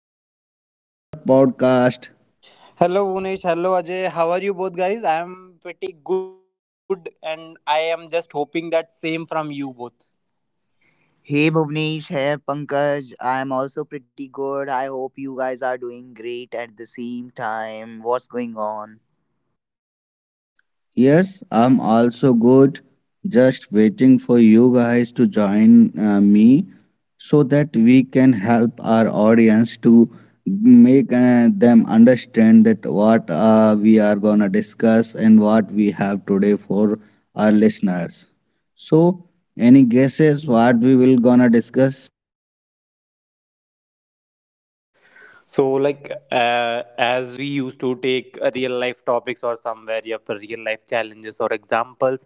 Welcome back to another podcast. Hello Unish, hello Ajay. How are you both guys? I am pretty good and I am just hoping that same from you both. Hey Bhuvnesh, hey Pankaj. I'm also pretty good. I hope you guys are doing great at the same time. What's going on? Yes, I'm also good. Just waiting for you guys to join me so that we can help our audience to make them understand that what we are going to discuss and what we have today for our listeners. So, any guesses what we will going to discuss? So as we used to take real life topics or somewhere, yeah, for real life challenges or examples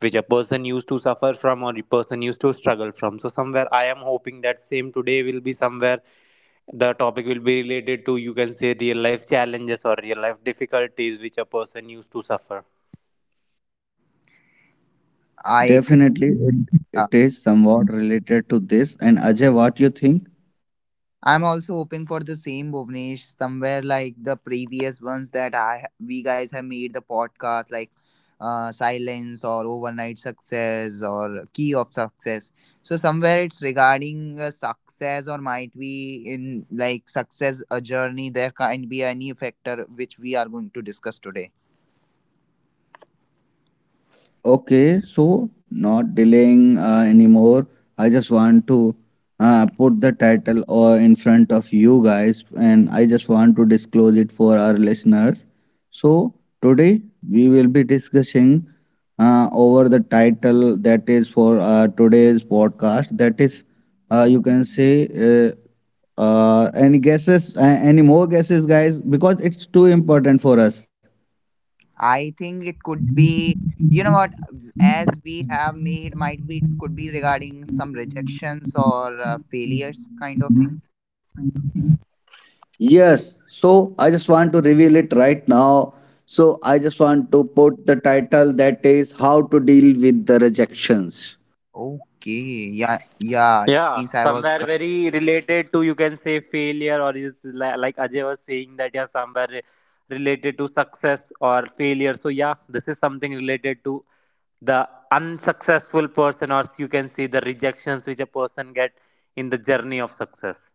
which a person used to suffer from or a person used to struggle from. So somewhere I am hoping that same today will be somewhere the topic will be related to, you can say, real life challenges or real life difficulties which a person used to suffer. I think Definitely, uh, it is somewhat related to this. And Ajay, what you think? I'm also hoping for the same Bhuvnesh, somewhere like the previous ones that I we guys have made the podcast, like silence or overnight success or key of success. So somewhere it's regarding success, or might be in like success a journey. There can be any factor which we are going to discuss today. Okay, so not delaying anymore. I just want to put the title or in front of you guys, and I just want to disclose it for our listeners. So today we will be discussing over the title that is for today's podcast. That is, you can say. Any guesses? Any more guesses, guys? Because it's too important for us. I think it could be, you know what, as we have made, might be, it could be regarding some rejections or failures kind of things. Yes, so I just want to reveal it right now. So I just want to put the title that is How to Deal with the Rejections. Okay. Yeah. Yeah. Yeah, Means I was somewhere correct. very related to, you can say, failure, or is like Ajay was saying that, yeah, somewhere related to success or failure. So yeah, this is something related to the unsuccessful person, or you can see the rejections which a person get in the journey of success.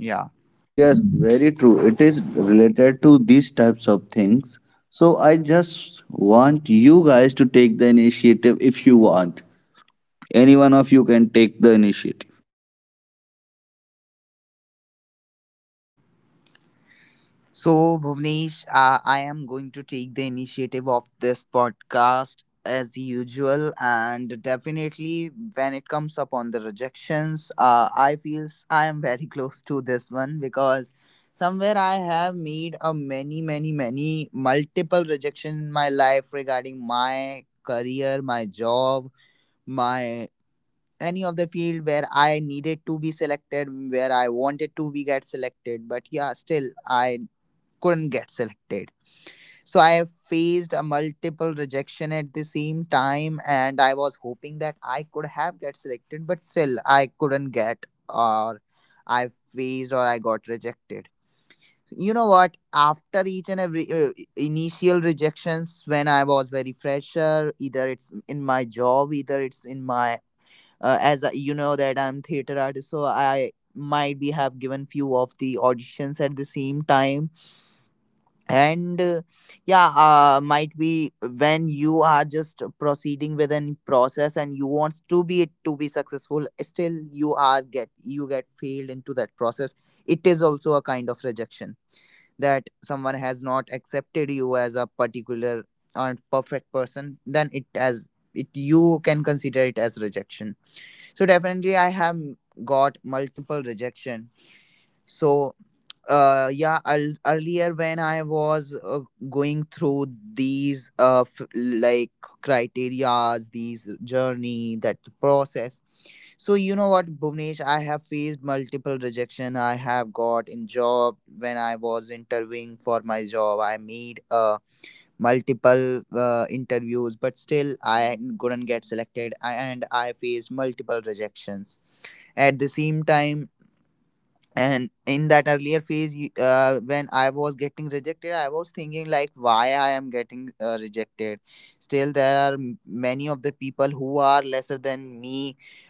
Yeah. Yes, very true. It is related to these types of things. So I just want you guys to take the initiative if you want. Any one of you can take the initiative. So, Bhuvnesh, I am going to take the initiative of this podcast as usual, and definitely when it comes upon the rejections, I feel I am very close to this one because somewhere I have made a many, many, many multiple rejection in my life regarding my career, my job, my any of the field where I needed to be selected, where I wanted to be get selected, but yeah, still I couldn't get selected. So I have faced a multiple rejection at the same time, and I was hoping that I could have get selected, but still I couldn't get, or I faced, or I got rejected. You know what? After each and every initial rejections, when I was very fresher, either it's in my job, either it's in my as I, you know that I'm theater artist, so I might be have given few of the auditions at the same time, and yeah, might be when you are just proceeding with a process and you want to be it to be successful, still you are get you get failed into that process, it is also a kind of rejection that someone has not accepted you as a particular and perfect person, then it as it you can consider it as rejection. So definitely I have got multiple rejection. So yeah I'll, earlier when I was going through these like criterias, these journey, that process. So you know what, Bhuvnesh, I have faced multiple rejection. I have got in job when I was interviewing for my job, I made multiple interviews, but still I couldn't get selected and I faced multiple rejections at the same time. And in that earlier phase when I was getting rejected, I was thinking like why I am getting rejected, still there are many of the people who are lesser than me,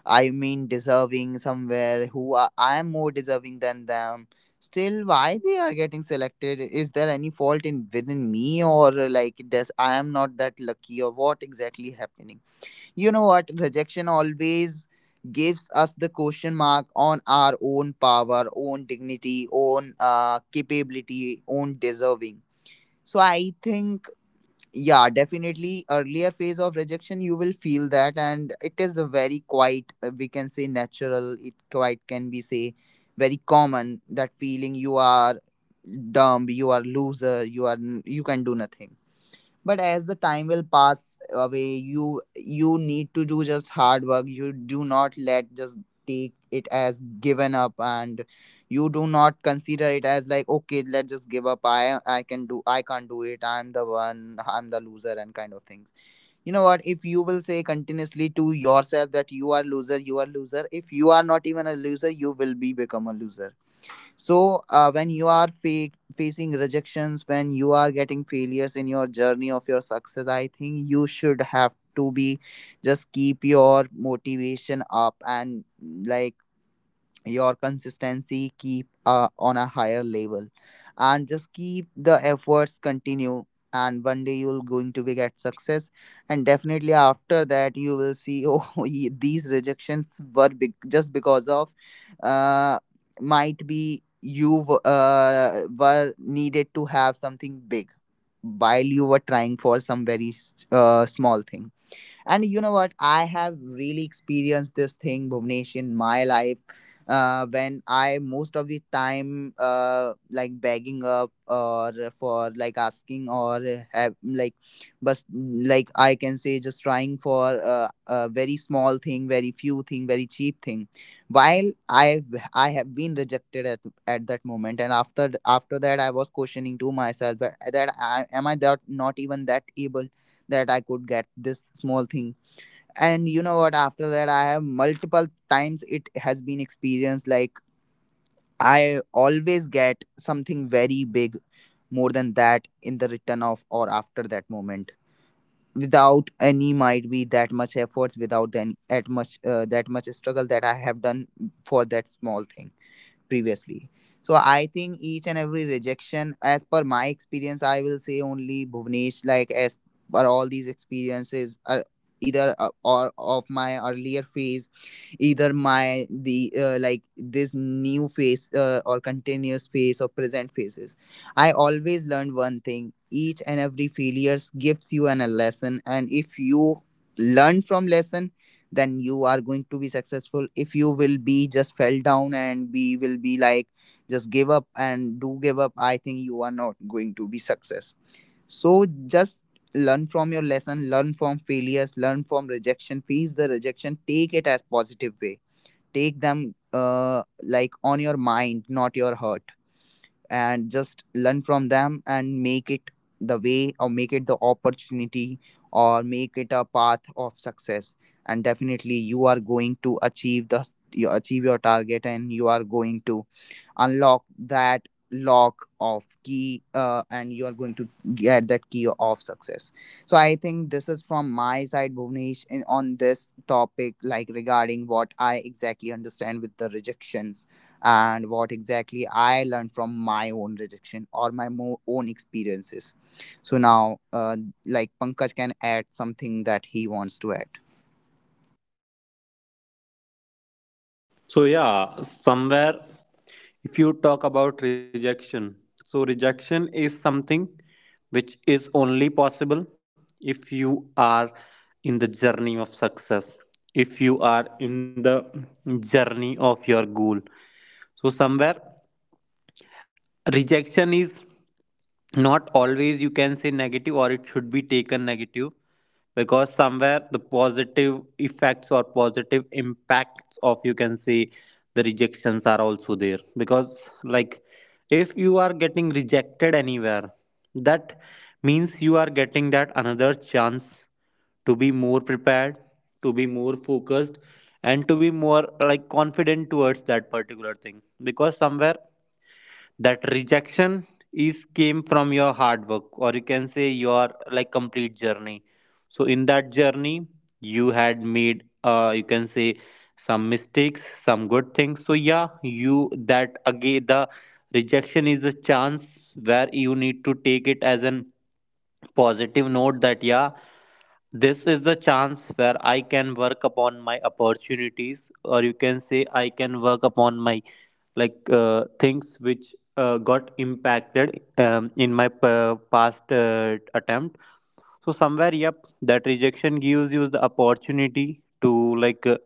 I mean deserving, somewhere who are, I am more deserving than them, still why they are getting selected. Is there any fault in within me, or like does I am not that lucky, or what exactly happening? You know what? Rejection always gives us the question mark on our own power, own dignity, own capability, own deserving. So I think, yeah, definitely earlier phase of rejection, you will feel that, and it is a very quite, we can say natural, it quite can be say very common, that feeling you are dumb, you are loser, you are, you can do nothing. But as the time will pass away, you need to do just hard work, you do not let just take it as given up, and you do not consider it as like, okay, let's just give up, I can do, I can't do it, I'm the one, I'm the loser and kind of things. You know what, if you will say continuously to yourself that you are loser, you are loser, if you are not even a loser, you will be become a loser. So when you are facing rejections, when you are getting failures in your journey of your success, I think you should have to be just keep your motivation up, and like your consistency keep on a higher level, and just keep the efforts continue, and one day you'll going to be get success. And definitely after that you will see oh these rejections were big just because of uh might be you were needed to have something big while you were trying for some very small thing. And you know what? I have really experienced this thing, Bhuvnesh, in my life. When I most of the time like begging up, or for like asking or have like, but like I can say just trying for a very small thing, very few thing, very cheap thing. While I have been rejected at that moment, and after that I was questioning to myself that that I, am I that not even that able that I could get this small thing. And you know what? After that, I have multiple times it has been experienced. Like I always get something very big, more than that in the return of, or after that moment, without any, might be, that much efforts, without then at much that much struggle that I have done for that small thing previously. So I think each and every rejection, as per my experience, I will say only Bhuvnesh, like as per all these experiences are either or of my earlier phase, either my the like this new phase or continuous phase or present phases, I always learned one thing: each and every failures gives you an, a lesson, and if you learn from lesson, then you are going to be successful. If you will be just fell down and we will be like just give up and do give up, I think you are not going to be success. So just learn from your lesson, learn from failures, learn from rejection, face the rejection, take it as positive way, take them like on your mind, not your heart, and just learn from them and make it the way, or make it the opportunity, or make it a path of success, and definitely you are going to achieve the, you achieve your target, and you are going to unlock that lock of key and you are going to get that key of success. So I think this is from my side, Bhuvnesh, in, on this topic, like regarding what I exactly understand with the rejections and what exactly I learned from my own rejection or my own experiences. So now like Pankaj can add something that he wants to add. So, yeah, somewhere if you talk about rejection, so rejection is something which is only possible if you are in the journey of success, if you are in the journey of your goal. So, somewhere rejection is not always, you can say, negative, or it should be taken negative, because somewhere the positive effects or positive impacts of, you can say, the rejections are also there. Because like, if you are getting rejected anywhere, that means you are getting that another chance to be more prepared, to be more focused, and to be more like confident towards that particular thing, because somewhere that rejection is came from your hard work, or you can say your like complete journey. So in that journey you had made, you can say, some mistakes, some good things. So yeah, you that again, the rejection is a chance where you need to take it as an positive note that, yeah, this is the chance where I can work upon my opportunities, or you can say I can work upon my like things which got impacted in my past attempt. So somewhere, yep, that rejection gives you the opportunity to like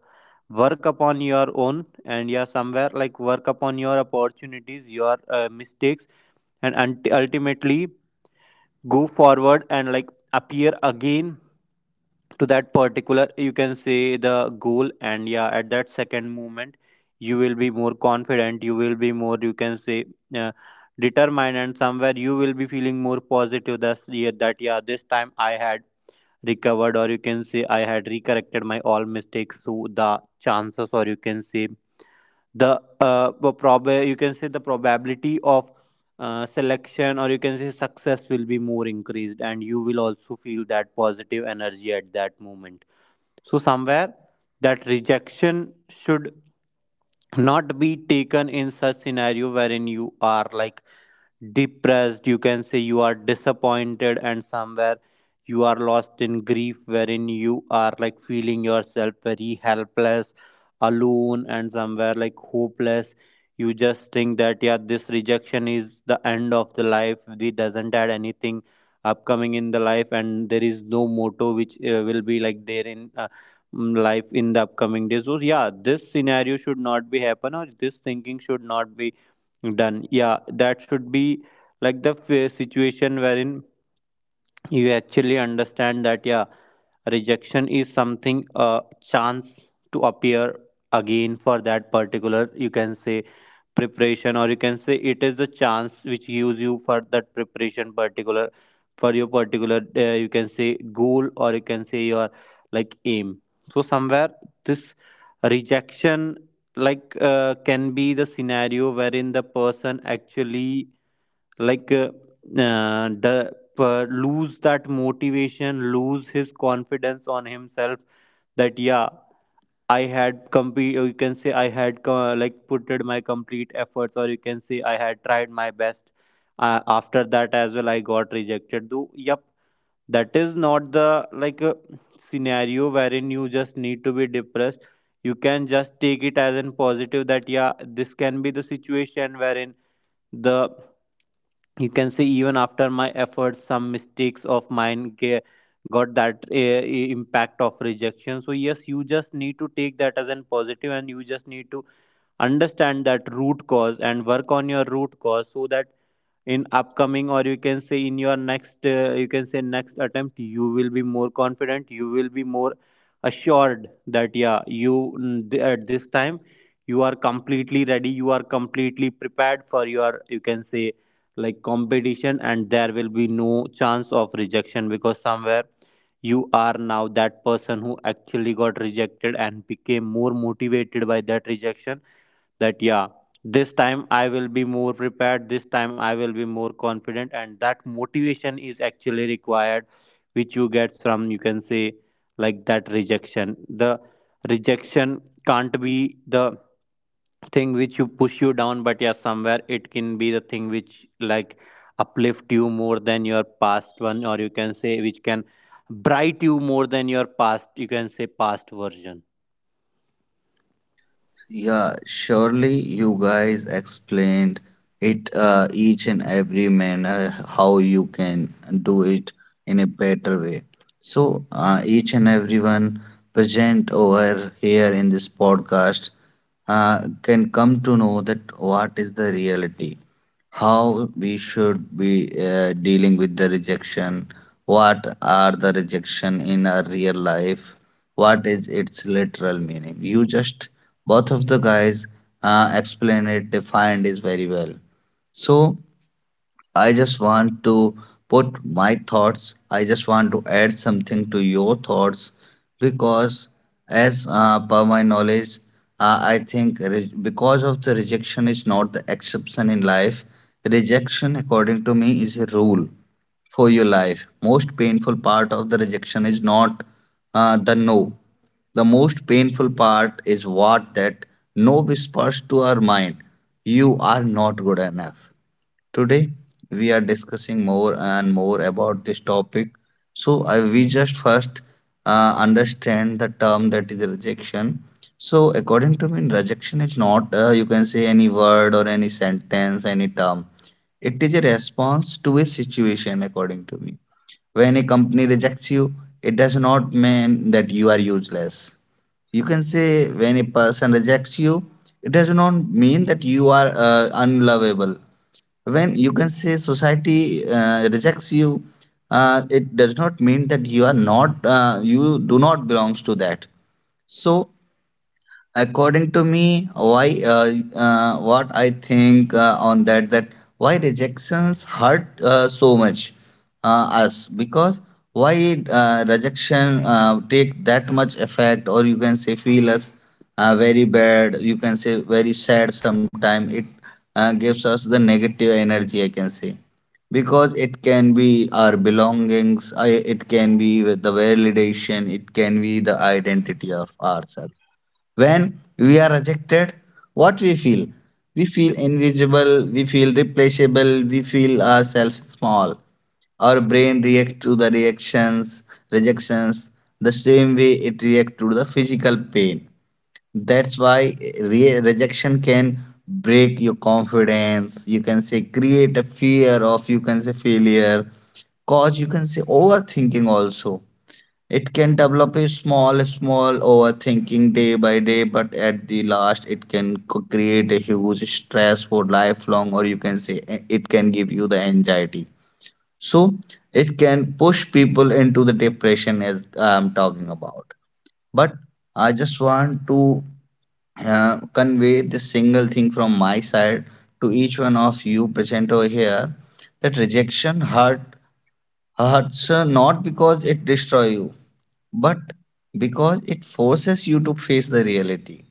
work upon your own, and yeah, somewhere like work upon your opportunities, your mistakes, and ultimately go forward and like appear again to that particular, you can say, the goal. And yeah, at that second moment you will be more confident, you will be more, you can say, uh, determined, and somewhere you will be feeling more positive that, yeah, that yeah, this time I had recovered, or you can say I had recorrected my all mistakes. So the chances, or you can say the prob you can say the probability of selection, or you can say success, will be more increased, and you will also feel that positive energy at that moment. So, somewhere that rejection should not be taken in such scenario wherein you are like depressed, you can say you are disappointed, and somewhere you are lost in grief wherein you are like feeling yourself very helpless, alone, and somewhere like hopeless. You just think that, yeah, this rejection is the end of the life, it doesn't add anything upcoming in the life, and there is no motto which will be like there in life in the upcoming days. So yeah, this scenario should not be happen, or this thinking should not be done. Yeah, that should be like the situation wherein you actually understand that, yeah, rejection is something a chance to appear again for that particular, you can say, preparation, or you can say it is the chance which gives you for that preparation particular for your particular, you can say, goal, or you can say your like aim. So somewhere this rejection like can be the scenario wherein the person actually like uh, lose that motivation, lose his confidence on himself that, yeah, I had complete, you can say I had like putted my complete efforts, or you can say I had tried my best. After that as well I got rejected though, yep. That is not the like scenario wherein you just need to be depressed. You can just take it as an positive that, yeah, this can be the situation wherein the you can see even after my efforts some mistakes of mine got that impact of rejection. So yes, you just need to take that as an positive, and you just need to understand that root cause and work on your root cause, so that in upcoming, or you can say in your next, you can say, next attempt, you will be more confident, you will be more assured that, yeah, you at this time you are completely ready, you are completely prepared for your, you can say, like competition, and there will be no chance of rejection, because somewhere you are now that person who actually got rejected and became more motivated by that rejection that, yeah, this time I will be more prepared, this time I will be more confident. And that motivation is actually required, which you get from, you can say, like that rejection. The rejection can't be the thing which you push you down, but yeah, somewhere it can be the thing which like uplift you more than your past one, or you can say which can bright you more than your past, you can say, past version. Yeah, surely you guys explained it each and every manner how you can do it in a better way. So each and everyone present over here in this podcast can come to know that what is the reality, how we should be dealing with the rejection, what are the rejection in our real life, what is its literal meaning. You just both of the guys explained it, defined it very well. So I just want to put my thoughts. I just want to add something to your thoughts because, as per my knowledge, I think because of the rejection is not the exception in life. Rejection, according to me, is a rule for your life. Most painful part of the rejection is not the no. The most painful part is what that no whispers to our mind, you are not good enough. Today, we are discussing more and more about this topic. So, we just first understand the term that is rejection. So, according to me, rejection is not, you can say, any word or any sentence, any term. It is a response to a situation, according to me. When a company rejects you, it does not mean that you are useless. You can say when a person rejects you, it does not mean that you are unlovable. When you can say society rejects you, it does not mean that you are not you do not belongs to that. So according to me, why what I think on that why rejections hurt so much us, because why rejection take that much effect, or you can say feel us very bad, you can say very sad, sometime it gives us the negative energy, I can say, because it can be our belongings, it can be with the validation, it can be the identity of ourselves. When we are rejected, what we feel? We feel invisible, we feel replaceable, we feel ourselves small. Our brain reacts to the reactions, rejections, the same way it reacts to the physical pain. That's why rejection can break your confidence. You can say create a fear of, you can say, failure, cause, you can say, overthinking also. It can develop a small, small overthinking day by day, but at the last, it can create a huge stress for lifelong, or you can say it can give you the anxiety. So it can push people into the depression, as I'm talking about. But I just want to convey this single thing from my side to each one of you present over here, that rejection hurts not because it destroys you, but because it forces you to face the reality.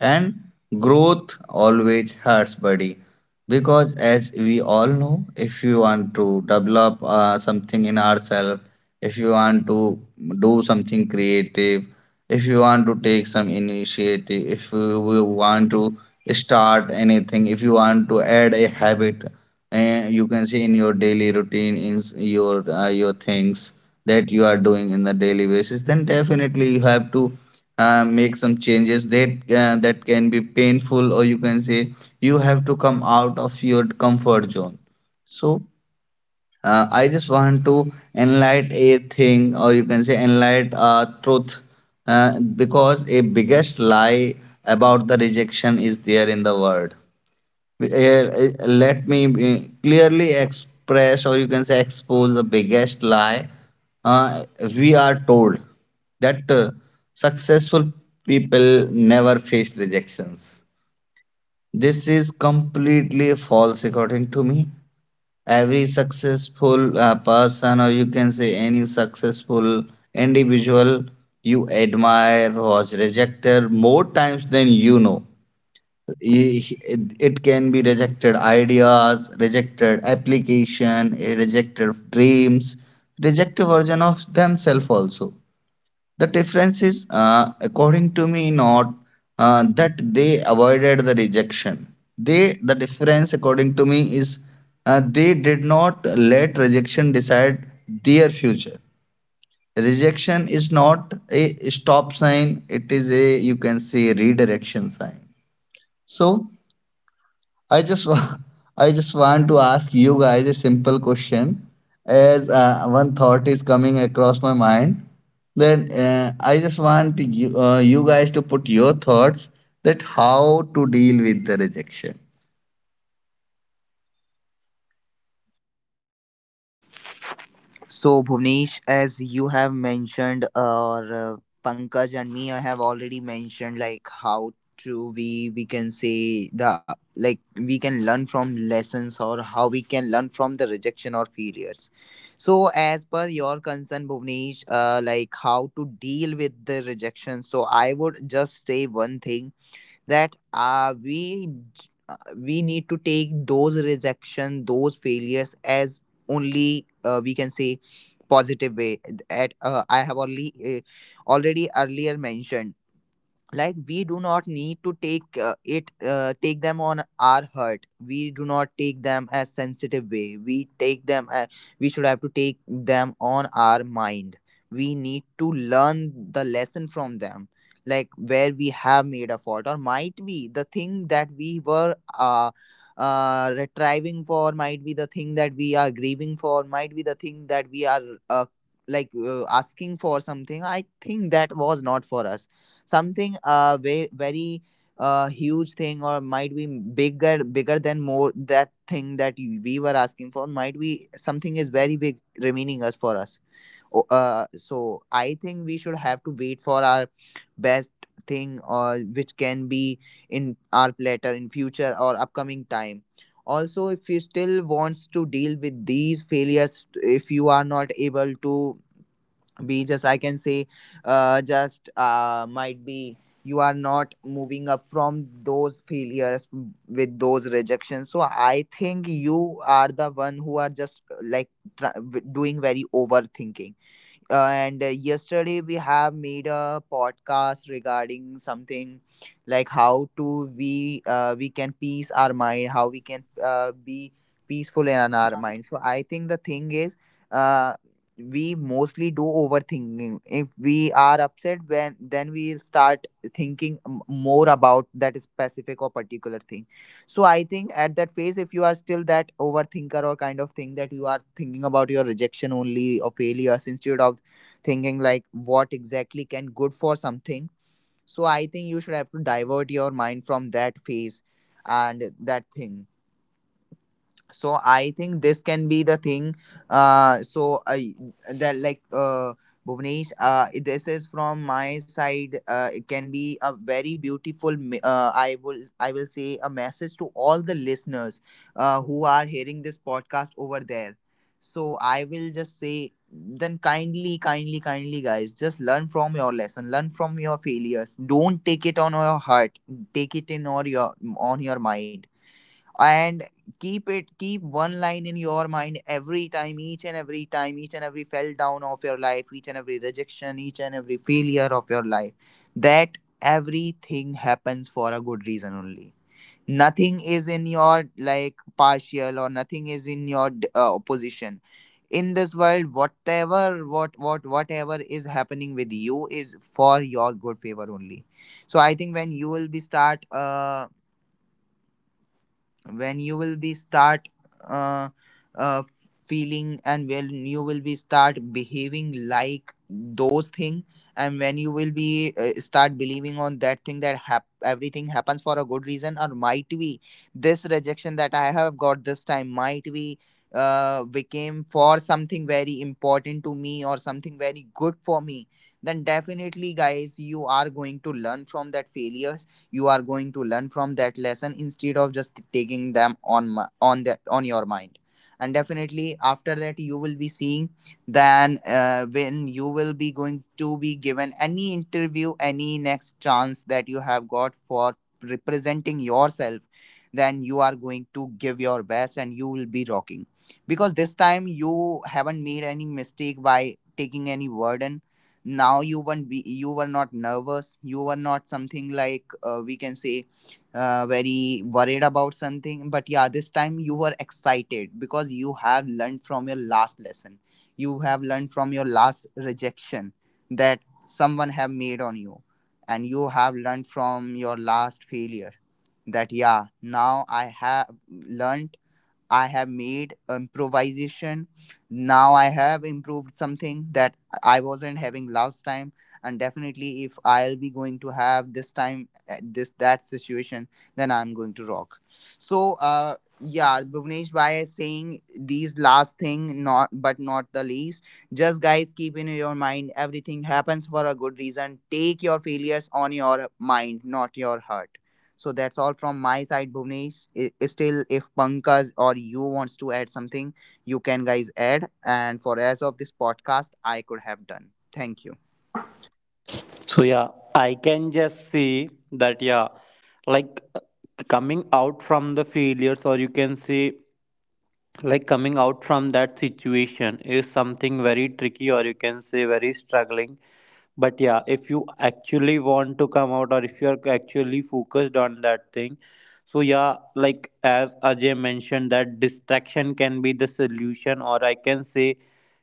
And growth always hurts, buddy. Because as we all know, if you want to develop something in ourselves, if you want to do something creative, if you want to take some initiative, if you want to start anything, if you want to add a habit, and you can see in your daily routine in your things that you are doing in the daily basis, then definitely you have to make some changes that can be painful, or you can say you have to come out of your comfort zone. So I just want to enlighten a thing, or you can say enlighten a truth, because a biggest lie about the rejection is there in the world. Let me clearly express, or you can say expose the biggest lie. uh, we are told that successful people never face rejections. This is completely false, according to me. Every successful person, or you can say any successful individual you admire was rejected more times than you know. It can be rejected ideas, rejected application, a rejected dreams, rejected version of themselves also. The difference is, according to me, not that they avoided the rejection. The difference, according to me, is they did not let rejection decide their future. Rejection is not a stop sign; it is a, you can say, redirection sign. So I just wa- I just want to ask you guys a simple question, as one thought is coming across my mind. Then I just want you guys to put your thoughts that how to deal with the rejection. So, Bhuvnesh, as you have mentioned, or Pankaj and me, I have already mentioned like how to we can say the, like we can learn from lessons or how we can learn from the rejection or failures. So, as per your concern, Bhuvnesh, like how to deal with the rejection. So, I would just say one thing that we need to take those rejection, those failures as only, we can say, positive way. At I have only already earlier mentioned, like we do not need to take it take them on our hurt, we do not take them as sensitive way, we take them we should have to take them on our mind. We need to learn the lesson from them, like where we have made a fault, or might be the thing that we were retrieving for, might be the thing that we are grieving for, might be the thing that we are uh, asking for, something I think that was not for us, something very very huge thing, or might be bigger bigger than more that thing that you, we were asking for, might be something is very big remaining us for us. So I think we should have to wait for our best thing, or which can be in our platter in future or upcoming time. Also, if you still wants to deal with these failures, if you are not able to be just I can say just might be, you are not moving up from those failures with those rejections, so I think you are the one who are just like doing very overthinking. And yesterday we have made a podcast regarding something like how to we can peace our mind, how we can be peaceful in our mind. So I think the thing is, uh, we mostly do overthinking. If we are upset, when then we'll start thinking more about that specific or particular thing. So I think at that phase, if you are still that overthinker or kind of thing, that you are thinking about your rejection only or failures instead of thinking like what exactly can good for something, so I think you should have to divert your mind from that phase and that thing. So I think this can be the thing. So I that like Bhuvnesh, this is from my side. It can be a very beautiful I will say a message to all the listeners who are hearing this podcast over there. So I will just say then, kindly, kindly, kindly guys, just learn from your lesson, learn from your failures, don't take it on your heart, take it in or your on your mind. And keep it, keep one line in your mind every time, each and every time, each and every fell down of your life, each and every rejection, each and every failure of your life, that everything happens for a good reason only. Nothing is in your like partial, or nothing is in your opposition in this world. Whatever, whatever is happening with you is for your good favor only. So I think when you will be start when you will be start uh, uh, feeling, and when you will be start behaving like those thing, and when you will be start believing on that thing that everything happens for a good reason. Or might be this rejection that I have got this time might be, became for something very important to me or something very good for me. Then definitely guys, you are going to learn from that failures, you are going to learn from that lesson instead of just taking them on on the on your mind. And definitely after that, you will be seeing then when you will be going to be given any interview, any next chance that you have got for representing yourself, then you are going to give your best and you will be rocking. Because this time you haven't made any mistake by taking any burden. Now you were not nervous, you were not something like, we can say, very worried about something. But yeah, this time you were excited because you have learned from your last lesson, you have learned from your last rejection that someone have made on you. And you have learned from your last failure that yeah, now I have learned, I have made improvisation. Now I have improved something that I wasn't having last time. And definitely, if I'll be going to have this time, this that situation, then I'm going to rock. So, yeah, Bhuvnesh, by saying these last thing, not but not the least, just guys keep in your mind, everything happens for a good reason. Take your failures on your mind, not your heart. So that's all from my side, Bhuvnesh. Still, if Pankaj or you wants to add something, you can guys add. And for as of this podcast, I could have done. Thank you. So yeah, I can just see that, yeah, like coming out from the failures, or you can see like coming out from that situation is something very tricky, or you can say very struggling. But yeah, if you actually want to come out, or if you are actually focused on that thing, so yeah, like as Ajay mentioned that distraction can be the solution, or I can say,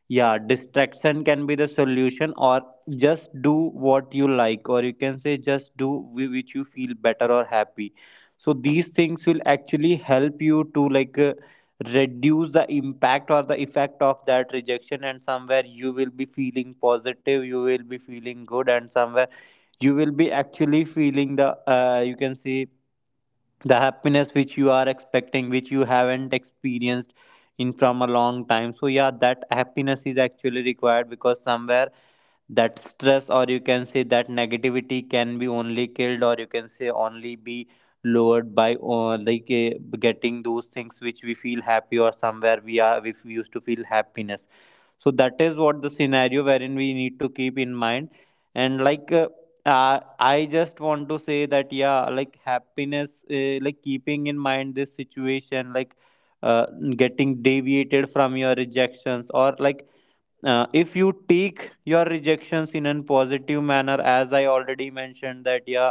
yeah, distraction can be the solution, or just do what you like, or you can say just do which you feel better or happy. So these things will actually help you to like reduce the impact or the effect of that rejection, and somewhere you will be feeling positive, you will be feeling good, and somewhere you will be actually feeling the, you can see, the happiness which you are expecting, which you haven't experienced in from a long time. So yeah, that happiness is actually required, because somewhere that stress, or you can say that negativity, can be only killed, or you can say only be lowered by getting those things which we feel happy, or somewhere we are, if we used to feel happiness. So that is what the scenario wherein we need to keep in mind. And I just want to say that, yeah, like happiness, like keeping in mind this situation, like uh, getting deviated from your rejections, or like, if you take your rejections in a positive manner, as I already mentioned that, yeah,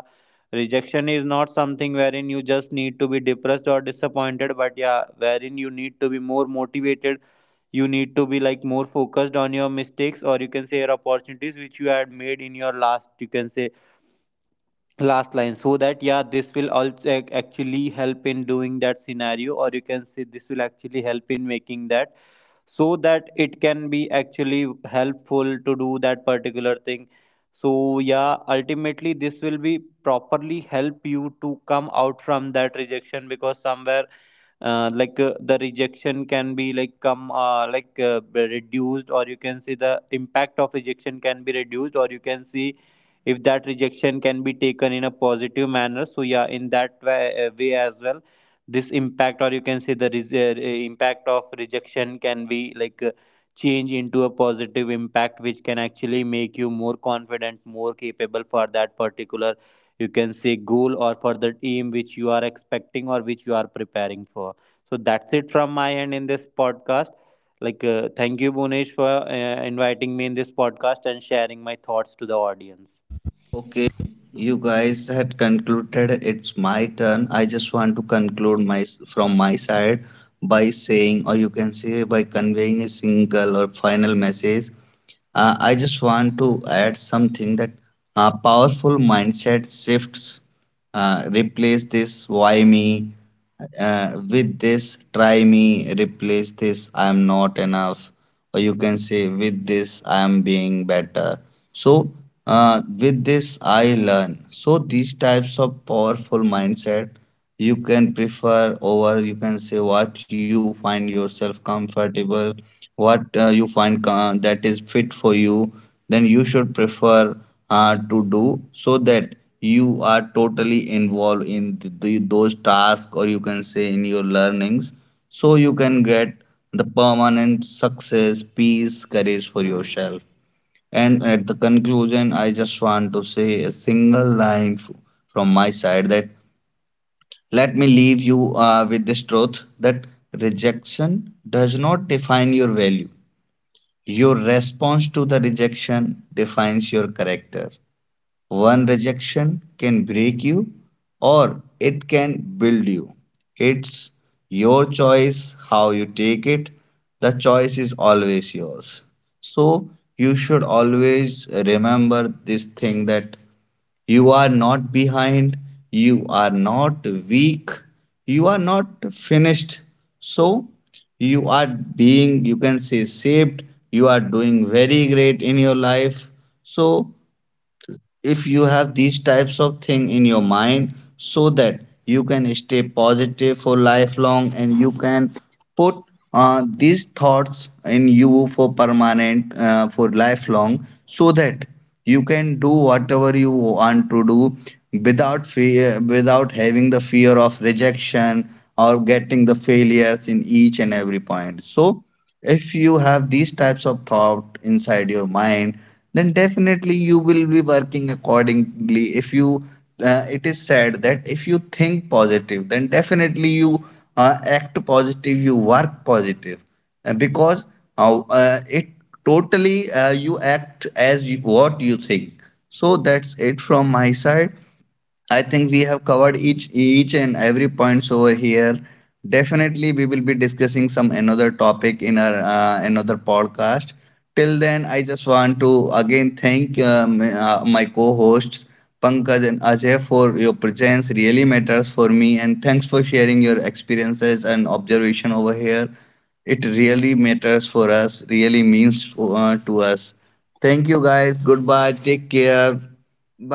rejection is not something wherein you just need to be depressed or disappointed, but yeah, wherein you need to be more motivated, you need to be like more focused on your mistakes, or you can say your opportunities, which you had made in your last, you can say, last line. So that, yeah, this will also actually help in doing that scenario, or you can say this will actually help in making that, so that it can be actually helpful to do that particular thing. So yeah, ultimately this will be properly help you to come out from that rejection, because somewhere the rejection can be like come reduced, or you can see the impact of rejection can be reduced, or you can see if that rejection can be taken in a positive manner. So yeah, in that way, way as well, this impact, or you can say the impact of rejection, can be change into a positive impact, which can actually make you more confident, more capable, for that particular, you can say, goal, or for that aim which you are expecting, or which you are preparing for. So that's it from my end in this podcast. Like, thank you, Bhunesh, for inviting me in this podcast and sharing my thoughts to the audience. Okay, you guys had concluded, it's my turn. I just want to conclude my from my side by saying, or you can say by conveying a single or final message. I just want to add something, that powerful mindset shifts replace this why me with this try me, replace this I am not enough, or you can say with this I am being better, so with this I learn. So these types of powerful mindset you can prefer over, you can say what you find yourself comfortable, what you find that is fit for you, then you should prefer to do, so that you are totally involved in the, those tasks, or you can say in your learnings, so you can get the permanent success, peace, courage for yourself. And at the conclusion, I just want to say a single line from my side that let me leave you with this truth, that rejection does not define your value. Your response to the rejection defines your character. One rejection can break you or it can build you. It's your choice how you take it. The choice is always yours. So you should always remember this thing, that you are not behind, you are not weak, you are not finished. So you are being, you can say, saved, you are doing very great in your life. So if you have these types of thing in your mind, so that you can stay positive for lifelong, and you can put these thoughts in you for permanent for lifelong, so that you can do whatever you want to do, without fear, without having the fear of rejection or getting the failures in each and every point. So if you have these types of thought inside your mind, then definitely you will be working accordingly. If you, it is said that if you think positive, then definitely you act positive, you work positive, because it totally you act as you, what you think. So that's it from my side. I think we have covered each and every points over here. Definitely, we will be discussing some another topic in our another podcast. Till then, I just want to again thank my co-hosts Pankaj and Ajay for your presence. Really matters for me, and thanks for sharing your experiences and observation over here. It really matters for us. Really means to us. Thank you, guys. Goodbye. Take care.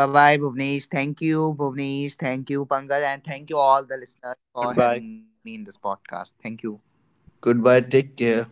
Bye bye, Bhuvnesh. Thank you, Bhuvnesh. Thank you, Pankaj, and thank you all Thank the you, listeners Bhunesh. for Goodbye. having me in this podcast. Thank you. Goodbye. Take care.